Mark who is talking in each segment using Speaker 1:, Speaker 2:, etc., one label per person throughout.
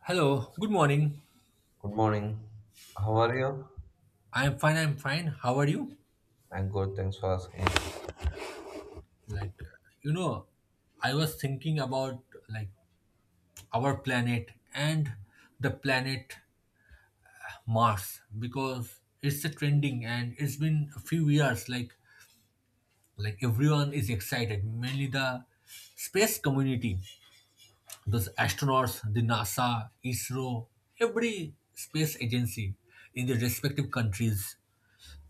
Speaker 1: Hello, good morning.
Speaker 2: Good morning. How are you?
Speaker 1: I'm fine, I'm fine. How are you?
Speaker 2: I'm good. Thanks for asking.
Speaker 1: Like, you know, I was thinking about, like, our planet and the planet Mars, because it's a trending and it's been a few years, like everyone is excited, mainly the space community, those astronauts, the NASA, ISRO, every space agency in their respective countries.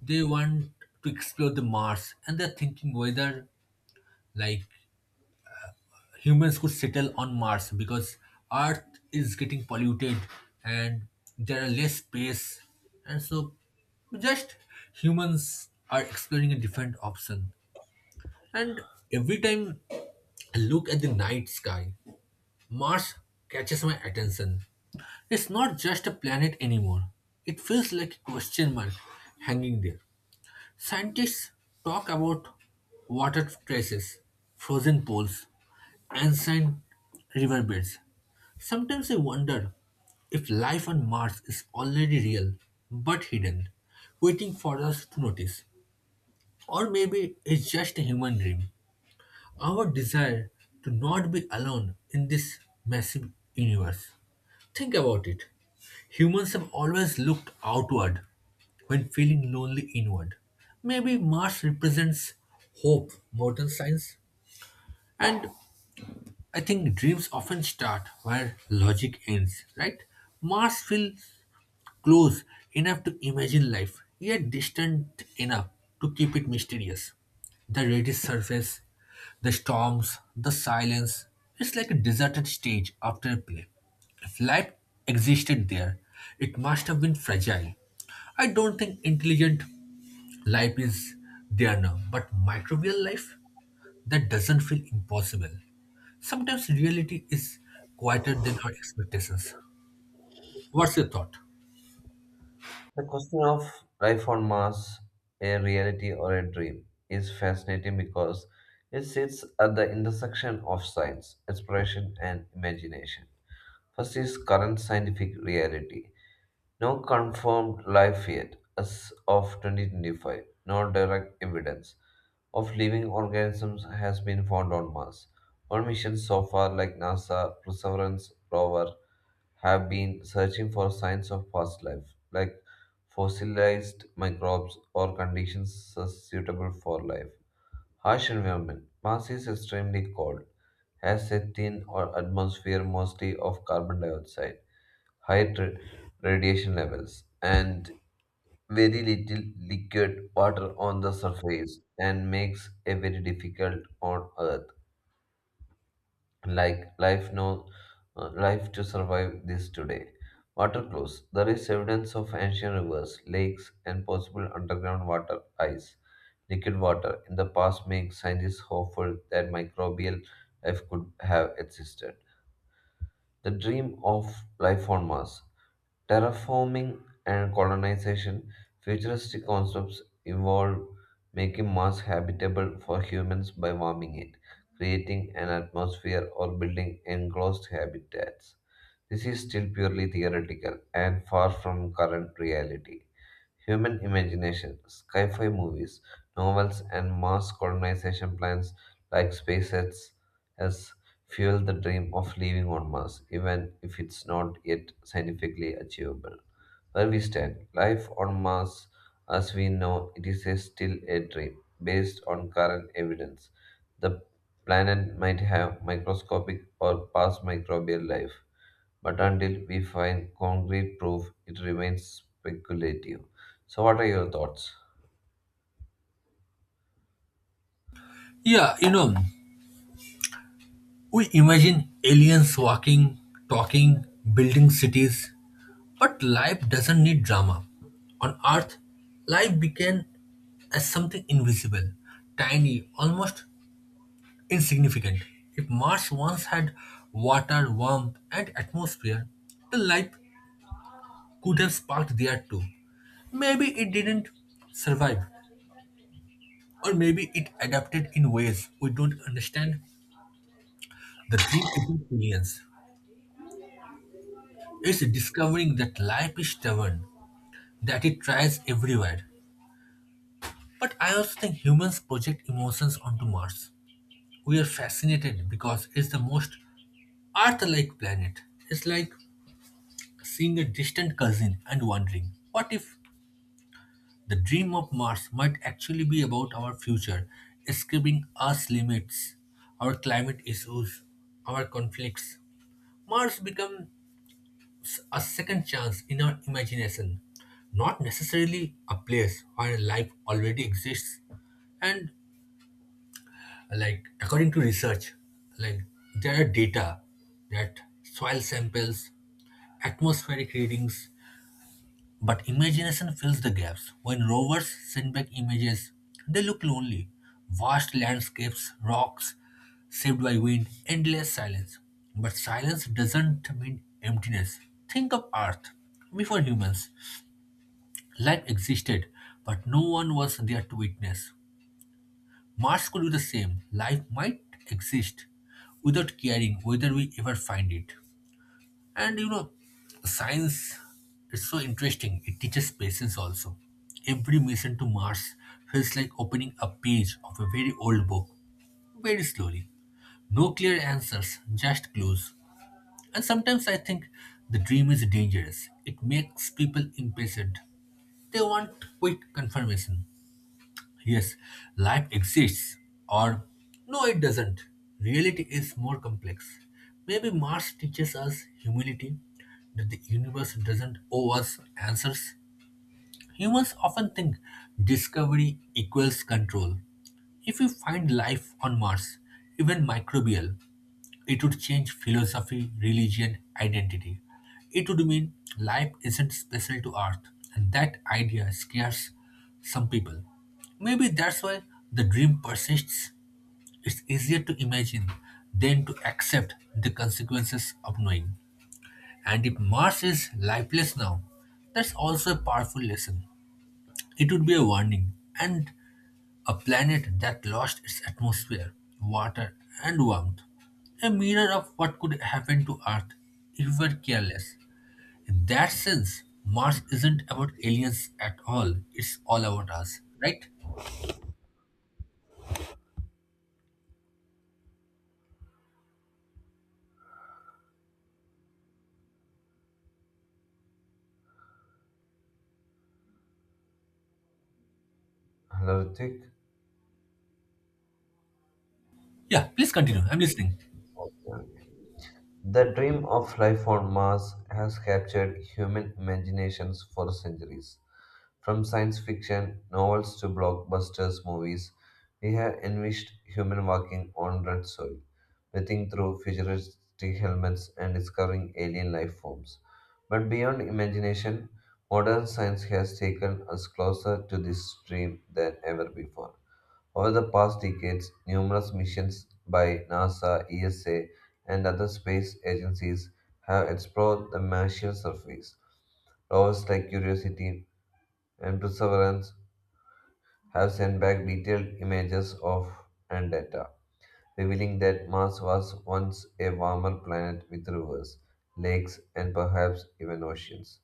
Speaker 1: They want to explore the Mars, and they're thinking whether, like, humans could settle on Mars because Earth is getting polluted and there are less space, and so just humans are exploring a different option. And every time I look at the night sky, Mars catches my attention. It's not just a planet anymore. It feels like a question mark hanging there. Scientists talk about water traces, frozen pools, ancient riverbeds. Sometimes I wonder if life on Mars is already real but hidden, waiting for us to notice. Or maybe it's just a human dream. Our desire to not be alone in this massive universe. Think about it. Humans have always looked outward when feeling lonely inward. Maybe Mars represents hope more than science. And I think dreams often start where logic ends, right? Mars feels close enough to imagine life, yet distant enough to keep it mysterious. The reddish surface, the storms, the silence. It's like a deserted stage after a play. If life existed there, it must have been fragile. I don't think intelligent life is there now, but microbial life, that doesn't feel impossible. Sometimes reality is quieter than our expectations. What's your thought?
Speaker 2: The question of life on Mars, a reality or a dream, is fascinating because it sits at the intersection of science, exploration, and imagination. First is current scientific reality. No confirmed life yet, as of 2025. No direct evidence of living organisms has been found on Mars. All missions so far, like NASA Perseverance rover, have been searching for signs of past life, like fossilized microbes or conditions suitable for life. Harsh environment. Mars is extremely cold, has a thin or atmosphere mostly of carbon dioxide high radiation levels, and very little liquid water on the surface, and makes it very difficult on Earth. Like life, no life to survive this today. Water close. There is evidence of ancient rivers, lakes, and possible underground water ice. Liquid water in the past makes scientists hopeful that microbial life could have existed. The dream of life on Mars, terraforming and colonization, futuristic concepts involve making Mars habitable for humans by warming it, creating an atmosphere, or building enclosed habitats. This is still purely theoretical and far from current reality. Human imagination, sci fi movies, novels, and Mars colonization plans like SpaceX has fueled the dream of living on Mars, even if it's not yet scientifically achievable. Where we stand, life on Mars as we know it is a still a dream based on current evidence. The planet might have microscopic or past microbial life but until we find concrete proof, it remains speculative. So, what are your thoughts,
Speaker 1: Yeah, we imagine aliens walking, talking, building cities, but life doesn't need drama. On Earth, life began as something invisible, tiny, almost insignificant. If Mars once had water, warmth, and atmosphere, the life could have sparked there too. Maybe it didn't survive, or maybe it adapted in ways we don't understand. The dream isn't aliens. It's discovering that life is stubborn, that it tries everywhere. But I also think humans project emotions onto Mars. We are fascinated because it's the most Earth like planet. It's like seeing a distant cousin and wondering what if the dream of Mars might actually be about our future, escaping Earth's limits, our climate issues, our conflicts. Mars becomes a second chance in our imagination, not necessarily a place where life already exists. And, like, according to research, like, there are data, that soil samples, atmospheric readings, but imagination fills the gaps. When rovers send back images, they look lonely. Vast landscapes, rocks, saved by wind, endless silence. But silence doesn't mean emptiness. Think of Earth before humans. Life existed, but no one was there to witness. Mars could be the same. Life might exist without caring whether we ever find it. And science is so interesting. It teaches patience also. Every mission to Mars feels like opening a page of a very old book, very slowly. No clear answers, just clues. And sometimes I think the dream is dangerous. It makes people impatient. They want quick confirmation. Yes, life exists, or no, it doesn't. Reality is more complex. Maybe Mars teaches us humility, that the universe doesn't owe us answers. Humans often think discovery equals control. If we find life on Mars, even microbial, it would change philosophy, religion, identity. It would mean life isn't special to Earth, and that idea scares some people. Maybe that's why the dream persists. It's easier to imagine than to accept the consequences of knowing. And if Mars is lifeless now, that's also a powerful lesson. It would be a warning, and a planet that lost its atmosphere, water, and warmth. A mirror of what could happen to Earth if we were careless. In that sense, Mars isn't about aliens at all, it's all about us, right?
Speaker 2: Ritik?
Speaker 1: Yeah, please continue. I'm listening.
Speaker 2: The dream of life on Mars has captured human imaginations for centuries. From science fiction novels to blockbusters movies, we have envisaged human walking on red soil, breathing through futuristic helmets and discovering alien life forms. But beyond imagination, modern science has taken us closer to this dream than ever before. Over the past decades, numerous missions by NASA, ESA, and other space agencies have explored the Martian surface. Rovers like Curiosity and Perseverance have sent back detailed images of and data, revealing that Mars was once a warmer planet with rivers, lakes, and perhaps even oceans.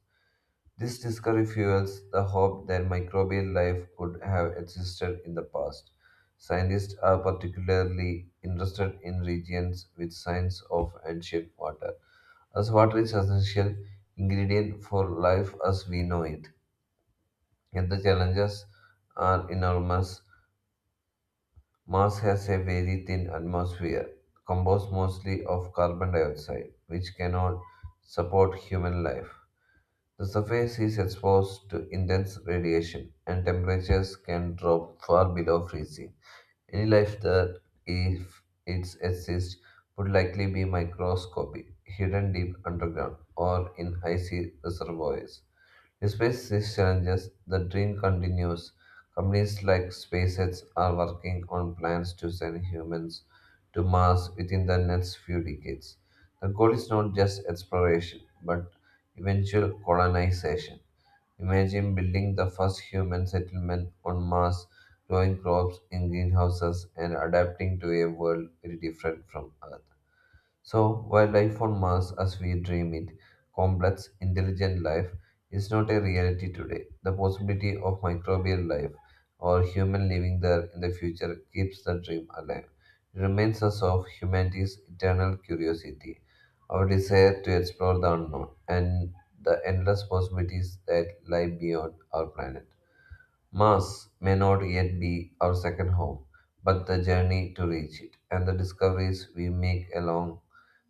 Speaker 2: This discovery fuels the hope that microbial life could have existed in the past. Scientists are particularly interested in regions with signs of ancient water, as water is essential ingredient for life as we know it. Yet the challenges are enormous. Mars has a very thin atmosphere, composed mostly of carbon dioxide, which cannot support human life. The surface is exposed to intense radiation, and temperatures can drop far below freezing. Any life that, if it exists, would likely be microscopic, hidden deep underground, or in icy reservoirs. Despite these challenges, the dream continues. Companies like SpaceX are working on plans to send humans to Mars within the next few decades. The goal is not just exploration, but eventual colonization. Imagine building the first human settlement on Mars, growing crops in greenhouses, and adapting to a world very different from Earth. So, while life on Mars as we dream it, complex, intelligent life, is not a reality today, the possibility of microbial life or human living there in the future keeps the dream alive. It reminds us of humanity's eternal curiosity, our desire to explore the unknown, and the endless possibilities that lie beyond our planet. Mars may not yet be our second home, but the journey to reach it and the discoveries we make along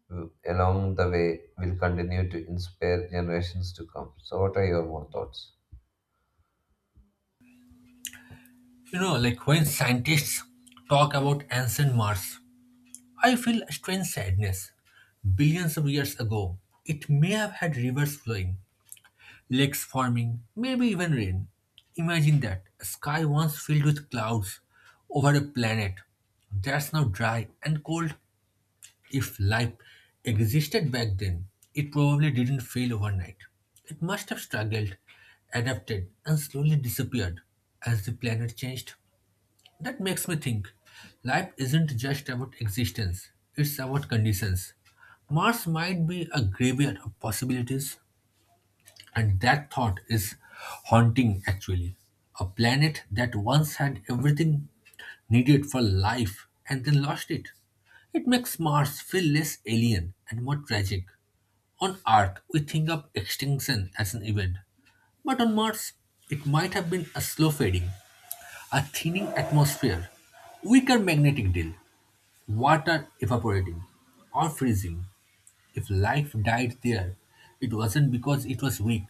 Speaker 2: along the way will continue to inspire generations to come. So, what are your more thoughts?
Speaker 1: Like when scientists talk about ancient Mars, I feel a strange sadness. Billions of years ago, it may have had rivers flowing, lakes forming, maybe even rain. Imagine that, a sky once filled with clouds over a planet that's now dry and cold. If life existed back then, it probably didn't fail overnight. It must have struggled, adapted, and slowly disappeared as the planet changed. That makes me think life isn't just about existence, it's about conditions. Mars might be a graveyard of possibilities. And that thought is haunting, actually. A planet that once had everything needed for life and then lost it. It makes Mars feel less alien and more tragic. On Earth, we think of extinction as an event, but on Mars, it might have been a slow fading, a thinning atmosphere, weaker magnetic field, water evaporating or freezing. If life died there, it wasn't because it was weak,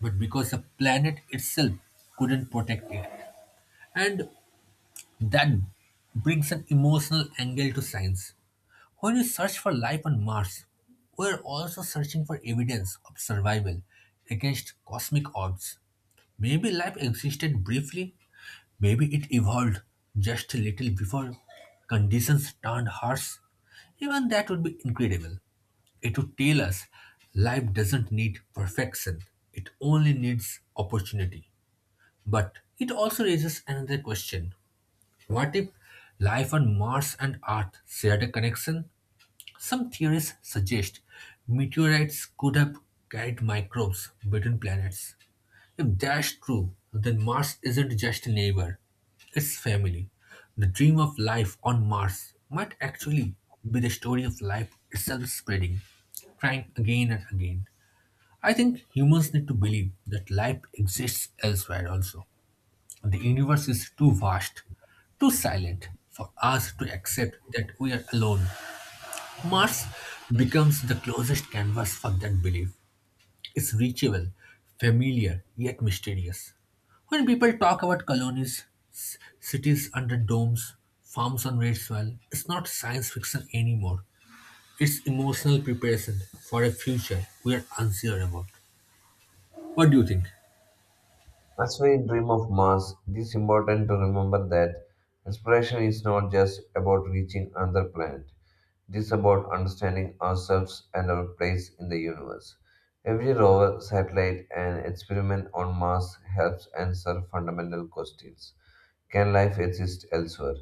Speaker 1: but because the planet itself couldn't protect it. And that brings an emotional angle to science. When we search for life on Mars, we're also searching for evidence of survival against cosmic odds. Maybe life existed briefly, maybe it evolved just a little before conditions turned harsh. Even that would be incredible. It would tell us life doesn't need perfection, it only needs opportunity. But it also raises another question. What if life on Mars and Earth shared a connection? Some theories suggest meteorites could have carried microbes between planets. If that's true, then Mars isn't just a neighbor, it's family. The dream of life on Mars might actually be the story of life itself spreading, trying again and again. I think humans need to believe that life exists elsewhere also. The universe is too vast, too silent for us to accept that we are alone. Mars becomes the closest canvas for that belief, is reachable, familiar, yet mysterious. When people talk about colonies, cities under domes, farms on red soil, it's not science fiction anymore. It's emotional preparation for a future we are unsure about. What do you think?
Speaker 2: As we dream of Mars, it is important to remember that inspiration is not just about reaching another planet, it is about understanding ourselves and our place in the universe. Every rover, satellite, and experiment on Mars helps answer fundamental questions. Can life exist elsewhere?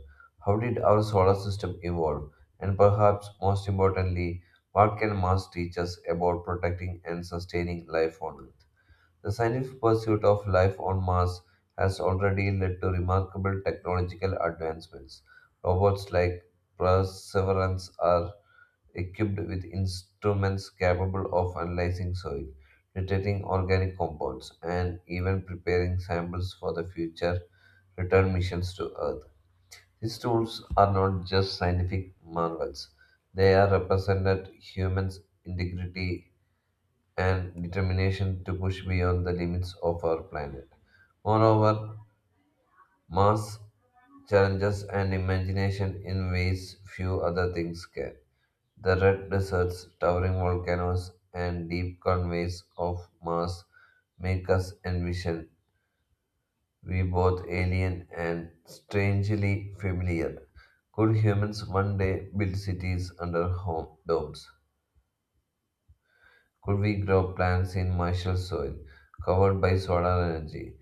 Speaker 2: How did our solar system evolve? And perhaps most importantly, what can Mars teach us about protecting and sustaining life on Earth? The scientific pursuit of life on Mars has already led to remarkable technological advancements. Robots like Perseverance are equipped with instruments capable of analyzing soil, detecting organic compounds, and even preparing samples for the future return missions to Earth. These tools are not just scientific marvels, they are represented humans' integrity and determination to push beyond the limits of our planet. Moreover, Mars challenges and imagination in ways few other things can. The red deserts, towering volcanoes, and deep conveys of Mars make us envision we both alien and strangely familiar. Could humans one day build cities under home domes? Could we grow plants in martial soil covered by solar energy?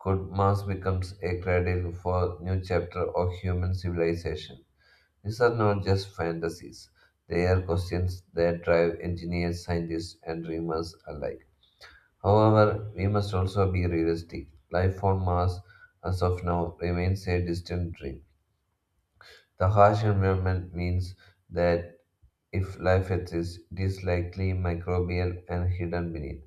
Speaker 2: Could Mars become a cradle for new chapter of human civilization? These are not just fantasies. They are questions that drive engineers, scientists, and dreamers alike. However, we must also be realistic. Life on Mars, as of now, remains a distant dream. The harsh environment means that if life exists, it is likely microbial and hidden beneath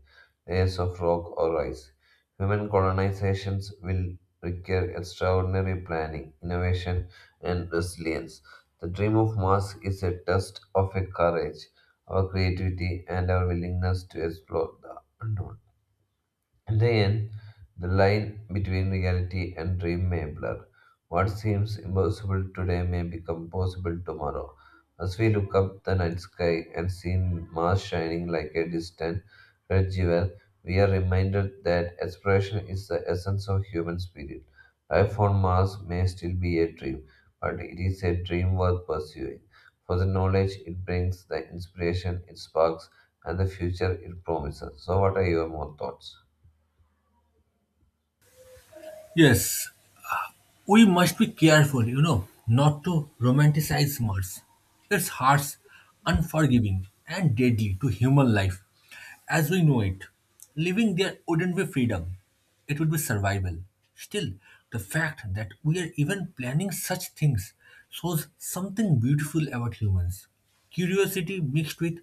Speaker 2: layers of rock or ice. Human colonizations will require extraordinary planning, innovation, and resilience. The dream of Mars is a test of our courage, our creativity, and our willingness to explore the unknown. In the end, the line between reality and dream may blur. What seems impossible today may become possible tomorrow. As we look up the night sky and see Mars shining like a distant red jewel, we are reminded that exploration is the essence of human spirit. Life on Mars may still be a dream, but it is a dream worth pursuing. For the knowledge it brings, the inspiration it sparks, and the future it promises. So, what are your more thoughts?
Speaker 1: Yes, we must be careful, not to romanticize Mars. Its harsh, unforgiving, and deadly to human life, as we know it. Living there wouldn't be freedom, it would be survival. Still, the fact that we are even planning such things shows something beautiful about humans, curiosity mixed with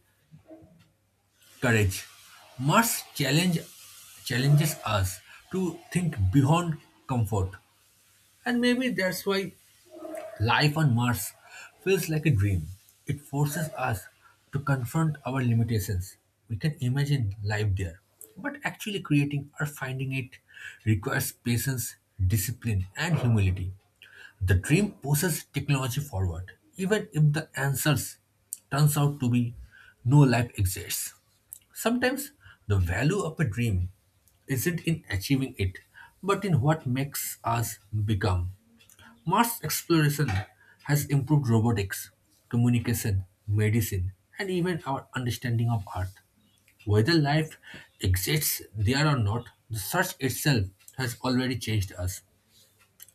Speaker 1: courage. Mars challenges us to think beyond comfort, and maybe that's why life on Mars feels like a dream. It forces us to confront our limitations. We can imagine life there, but actually creating or finding it requires patience, discipline, and humility. The dream pushes technology forward, even if the answers turns out to be no life exists. Sometimes the value of a dream isn't in achieving it, but in what makes us become. Mars exploration has improved robotics, communication, medicine, and even our understanding of Earth. Whether life exists there or not, the search itself has already changed us.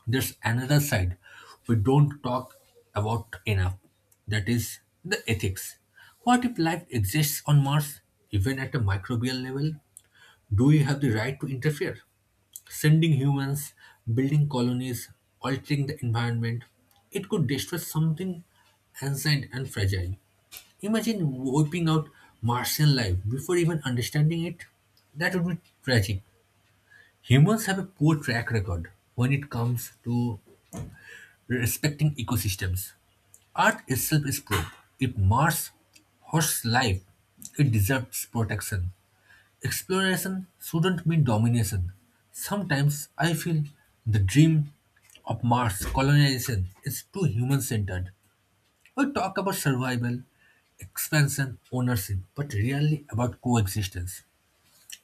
Speaker 1: There's another side we don't talk about enough, that is, the ethics. What if life exists on Mars, even at a microbial level? Do we have the right to interfere, sending humans, building colonies, altering the environment? It could destroy something ancient and fragile. Imagine wiping out Martian life before even understanding it. That would be tragic. Humans have a poor track record when it comes to respecting ecosystems. Earth itself is proof. If Mars hosts life, it deserves protection. Exploration shouldn't mean domination. Sometimes I feel the dream of Mars colonization is too human centered. We talk about survival, expansion, ownership, but rarely about coexistence.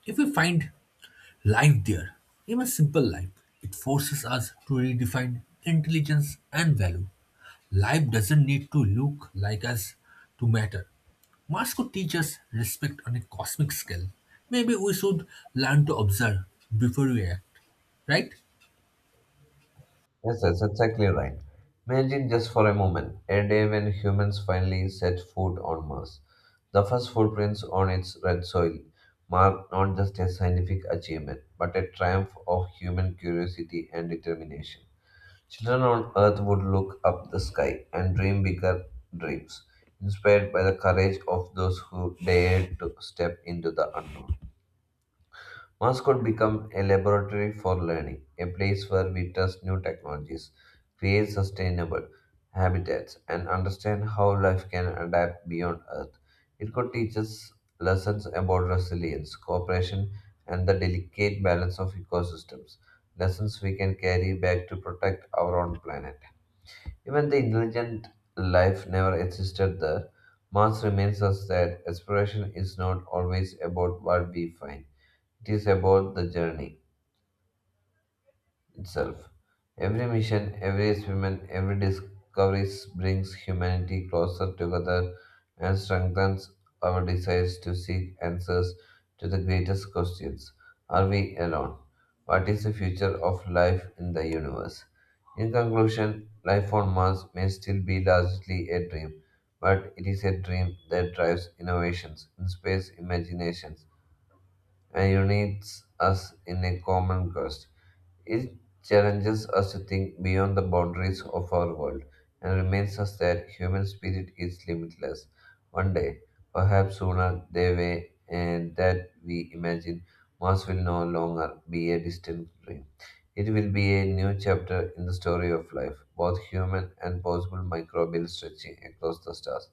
Speaker 1: If we find life there, even simple life, it forces us to redefine intelligence and value. Life doesn't need to look like us to matter. Mars could teach us respect on a cosmic scale. Maybe we should learn to observe before we act, right?
Speaker 2: Yes, yes, that's exactly right. Imagine just for a moment a day when humans finally set foot on Mars. The first footprints on its red soil mark not just a scientific achievement, but a triumph of human curiosity and determination. Children on Earth would look up the sky and dream bigger dreams, inspired by the courage of those who dared to step into the unknown. Mass could become a laboratory for learning, a place where we test new technologies, create sustainable habitats, and understand how life can adapt beyond Earth. It could teach us lessons about resilience, cooperation, and the delicate balance of ecosystems, lessons we can carry back to protect our own planet. Even the intelligent life never existed there. Mars reminds us that exploration is not always about what we find, it is about the journey itself. Every mission, every experiment, every discovery brings humanity closer together and strengthens our desires to seek answers to the greatest questions. Are we alone? What is the future of life in the universe? In conclusion, life on Mars may still be largely a dream, but it is a dream that drives innovations in space imaginations and unites us in a common cause. It challenges us to think beyond the boundaries of our world and reminds us that human spirit is limitless. One day, perhaps sooner, the way and that we imagine Mars will no longer be a distant dream. It will be a new chapter in the story of life, both human and possible microbial stretching across the stars.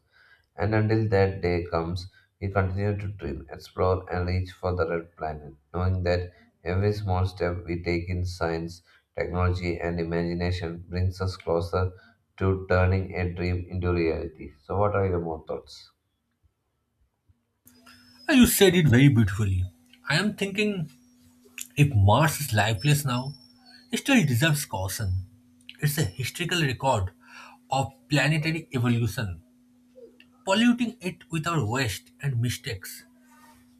Speaker 2: And until that day comes, we continue to dream, explore, and reach for the red planet, knowing that every small step we take in science, technology, and imagination brings us closer to turning a dream into reality. So, what are your more thoughts?
Speaker 1: Ah, you said it very beautifully. I am thinking, if Mars is lifeless now, it still deserves caution. It's a historical record of planetary evolution. Polluting it with our waste and mistakes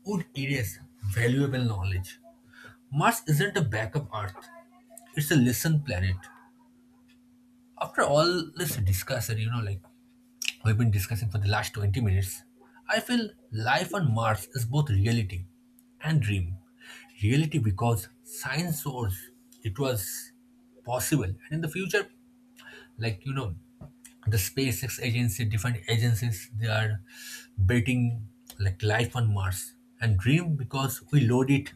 Speaker 1: would erase valuable knowledge. Mars isn't a backup Earth. It's a listen planet. After all this discussion, like we've been discussing for the last 20 minutes, I feel life on Mars is both reality and dream. Reality, because science shows it was possible, and in the future, like the SpaceX agency, different agencies, they are betting like life on Mars. And dream, because we load it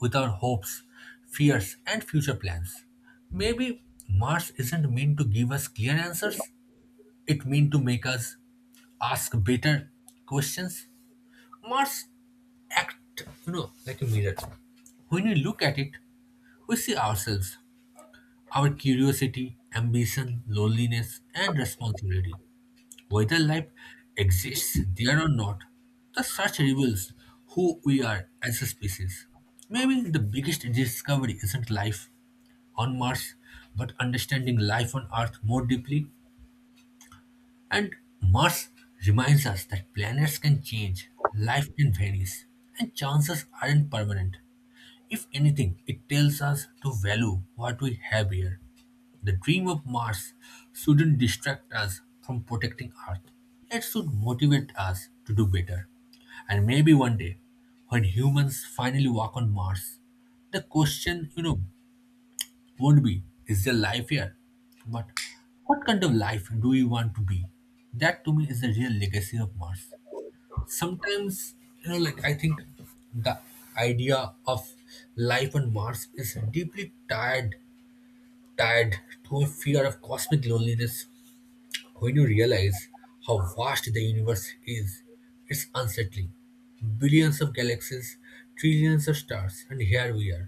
Speaker 1: with our hopes, fears, and future plans. Maybe Mars isn't meant to give us clear answers, it meant to make us ask better questions. Mars act, like a mirror. When we look at it, we see ourselves, our curiosity, ambition, loneliness, and responsibility. Whether life exists there or not, the search reveals who we are as a species. Maybe the biggest discovery isn't life on Mars, but understanding life on Earth more deeply. And Mars reminds us that planets can change, life can vanish, and chances aren't permanent. If anything, it tells us to value what we have here. The dream of Mars shouldn't distract us from protecting Earth. It should motivate us to do better. And maybe one day, when humans finally walk on Mars, the question, won't be, is there life here? But what kind of life do we want to be? That, to me, is the real legacy of Mars. Sometimes, like I think the idea of life on Mars is deeply tied to a fear of cosmic loneliness. When you realize how vast the universe is, it's unsettling. Billions of galaxies, trillions of stars, and here we are,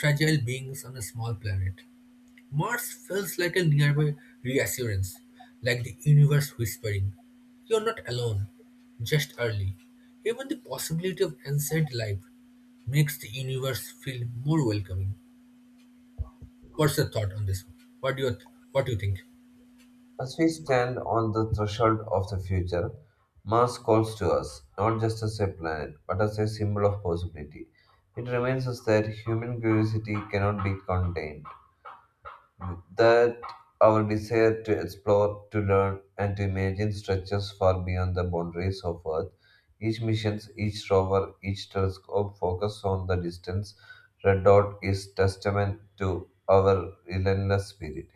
Speaker 1: fragile beings on a small planet. Mars feels like a nearby reassurance, like the universe whispering, "You're not alone, just early." Even the possibility of ancient life makes the universe feel more welcoming. What's your thought on this? What do you th- what do you think?
Speaker 2: As we stand on the threshold of the future, Mars calls to us, not just as a planet, but as a symbol of possibility. It reminds us that human curiosity cannot be contained, that our desire to explore, to learn, and to imagine stretches far beyond the boundaries of Earth. Each mission, each rover, each telescope focused on the distance. Red Dot is testament to our relentless spirit.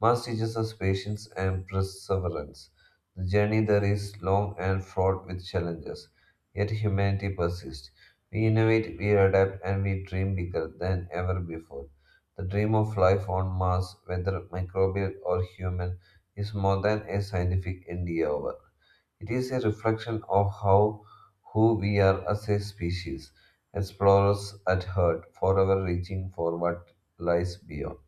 Speaker 2: Mars teaches us patience and perseverance. The journey there is long and fraught with challenges, yet humanity persists. We innovate, we adapt, and we dream bigger than ever before. The dream of life on Mars, whether microbial or human, is more than a scientific endeavor. It is a reflection of how who we are as a species, explorers at heart, forever reaching for what lies beyond.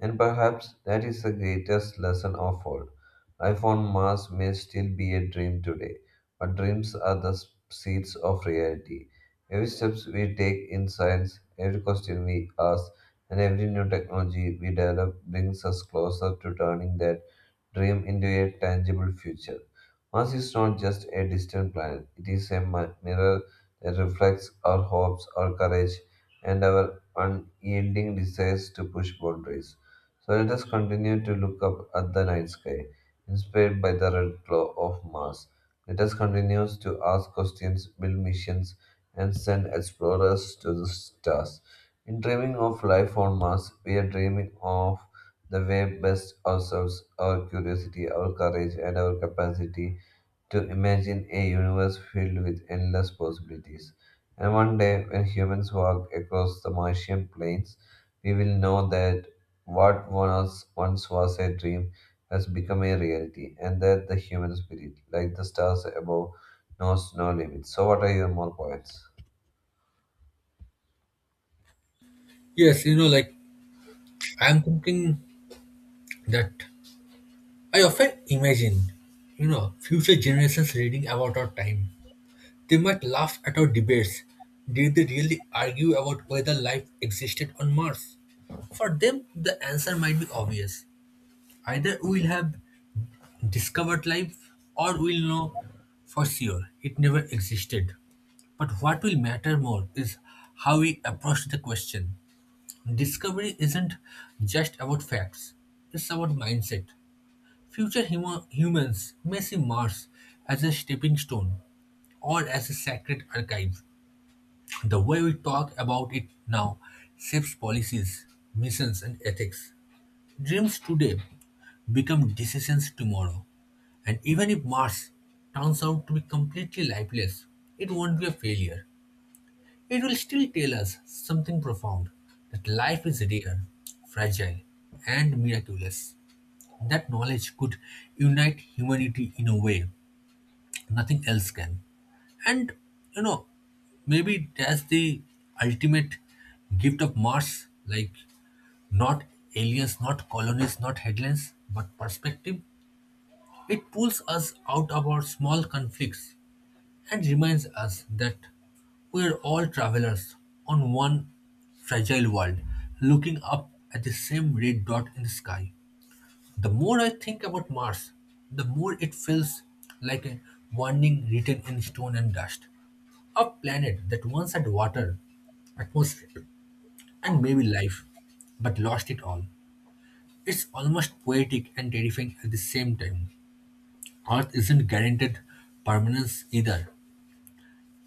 Speaker 2: And perhaps that is the greatest lesson of all. Life on Mars may still be a dream today, but dreams are the seeds of reality. Every step we take in science, every question we ask, and every new technology we develop brings us closer to turning that dream into a tangible future. Mars is not just a distant planet, it is a mirror that reflects our hopes, our courage, and our unyielding desires to push boundaries. So let us continue to look up at the night sky, inspired by the red glow of Mars. Let us continue to ask questions, build missions, and send explorers to the stars. In dreaming of life on Mars, we are dreaming of the way best ourselves, our curiosity, our courage, and our capacity to imagine a universe filled with endless possibilities. And one day, when humans walk across the Martian plains, we will know that what was once was a dream has become a reality, and that the human spirit, like the stars above, knows no limits. So, what are your more points?
Speaker 1: Yes, like I'm thinking that I often imagine, you know, future generations reading about our time. They might laugh at our debates. Did they really argue about whether life existed on Mars? For them, the answer might be obvious. Either we'll have discovered life, or we'll know for sure it never existed. But what will matter more is how we approach the question. Discovery isn't just about facts, it's about mindset. Future humans may see Mars as a stepping stone or as a sacred archive. The way we talk about it now shapes policies, missions, and ethics. Dreams today become decisions tomorrow. And even if Mars turns out to be completely lifeless, it won't be a failure. It will still tell us something profound, that life is rare, fragile, and miraculous. That knowledge could unite humanity in a way nothing else can. And you know maybe that's the ultimate gift of Mars, like, not aliens, not colonies, not headlines, but perspective. It pulls us out of our small conflicts and reminds us that we're all travelers on one fragile world, looking up at the same red dot in the sky. The more I think about Mars, the more it feels like a warning written in stone and dust. A planet that once had water, atmosphere, and maybe life, but lost it all. It's almost poetic and terrifying at the same time. Earth isn't guaranteed permanence either.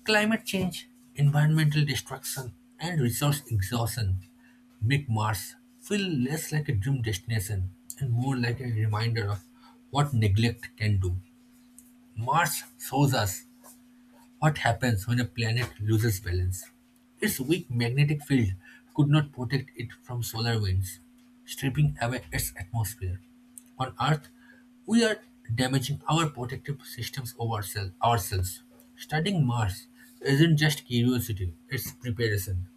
Speaker 1: Climate change, environmental destruction, and resource exhaustion make Mars feel less like a dream destination and more like a reminder of what neglect can do. Mars shows us what happens when a planet loses balance. Its weak magnetic field could not protect it from solar winds, stripping away its atmosphere. On Earth, we are damaging our protective systems of ourselves. Studying Mars isn't just curiosity, it's preparation.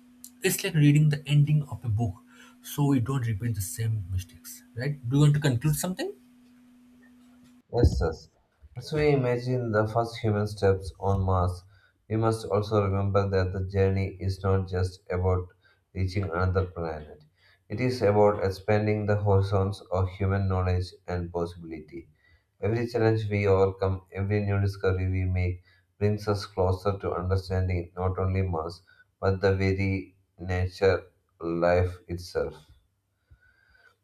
Speaker 1: It's like reading the ending of a book so we don't repeat the same mistakes, right? Do you want to conclude something?
Speaker 2: Yes, yes. As we imagine the first human steps on Mars, we must also remember that the journey is not just about reaching another planet. It is about expanding the horizons of human knowledge and possibility. Every challenge we overcome, every new discovery we make, brings us closer to understanding not only Mars, but the very nature life itself.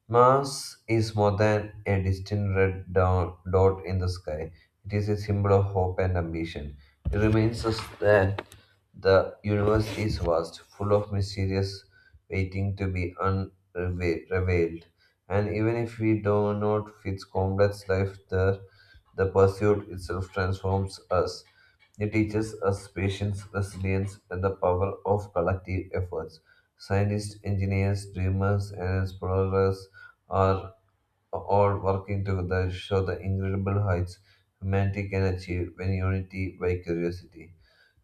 Speaker 2: Mars is more than a distant red dot in the sky. It is a symbol of hope and ambition. It reminds us that the universe is vast, full of mysteries waiting to be unrevealed. And even if we do not fit complex life there, the pursuit itself transforms us. It teaches us patience, resilience, and the power of collective efforts. Scientists, engineers, dreamers, and explorers are all working together show the incredible heights humanity can achieve when unity by curiosity.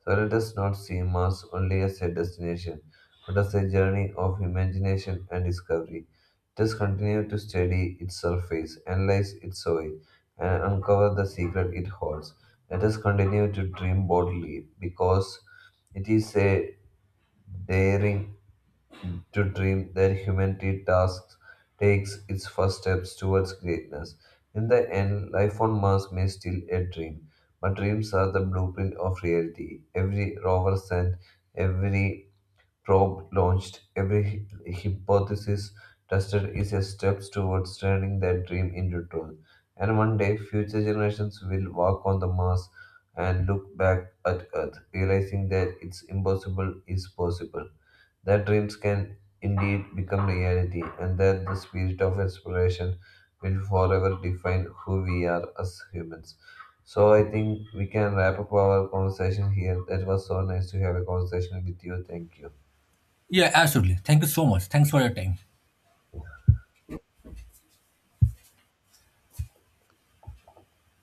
Speaker 2: So let us not see Mars only as a destination, but as a journey of imagination and discovery. Just continue to study its surface, analyze its soil, and uncover the secret it holds. Let us continue to dream boldly because it is a daring to dream that humanity tasks takes its first steps towards greatness. In the end, life on Mars may still a dream, but dreams are the blueprint of reality. Every rover sent, every probe launched, every hypothesis tested is a step towards turning that dream into truth. And one day, future generations will walk on the Mars and look back at Earth, realizing that it's impossible is possible that dreams can indeed become reality, and that the spirit of exploration will forever define who we are as humans. So I think we can wrap up our conversation here. That was so nice to have a conversation with you. Thank you.
Speaker 1: Yeah, absolutely. Thank you so much. Thanks for your time.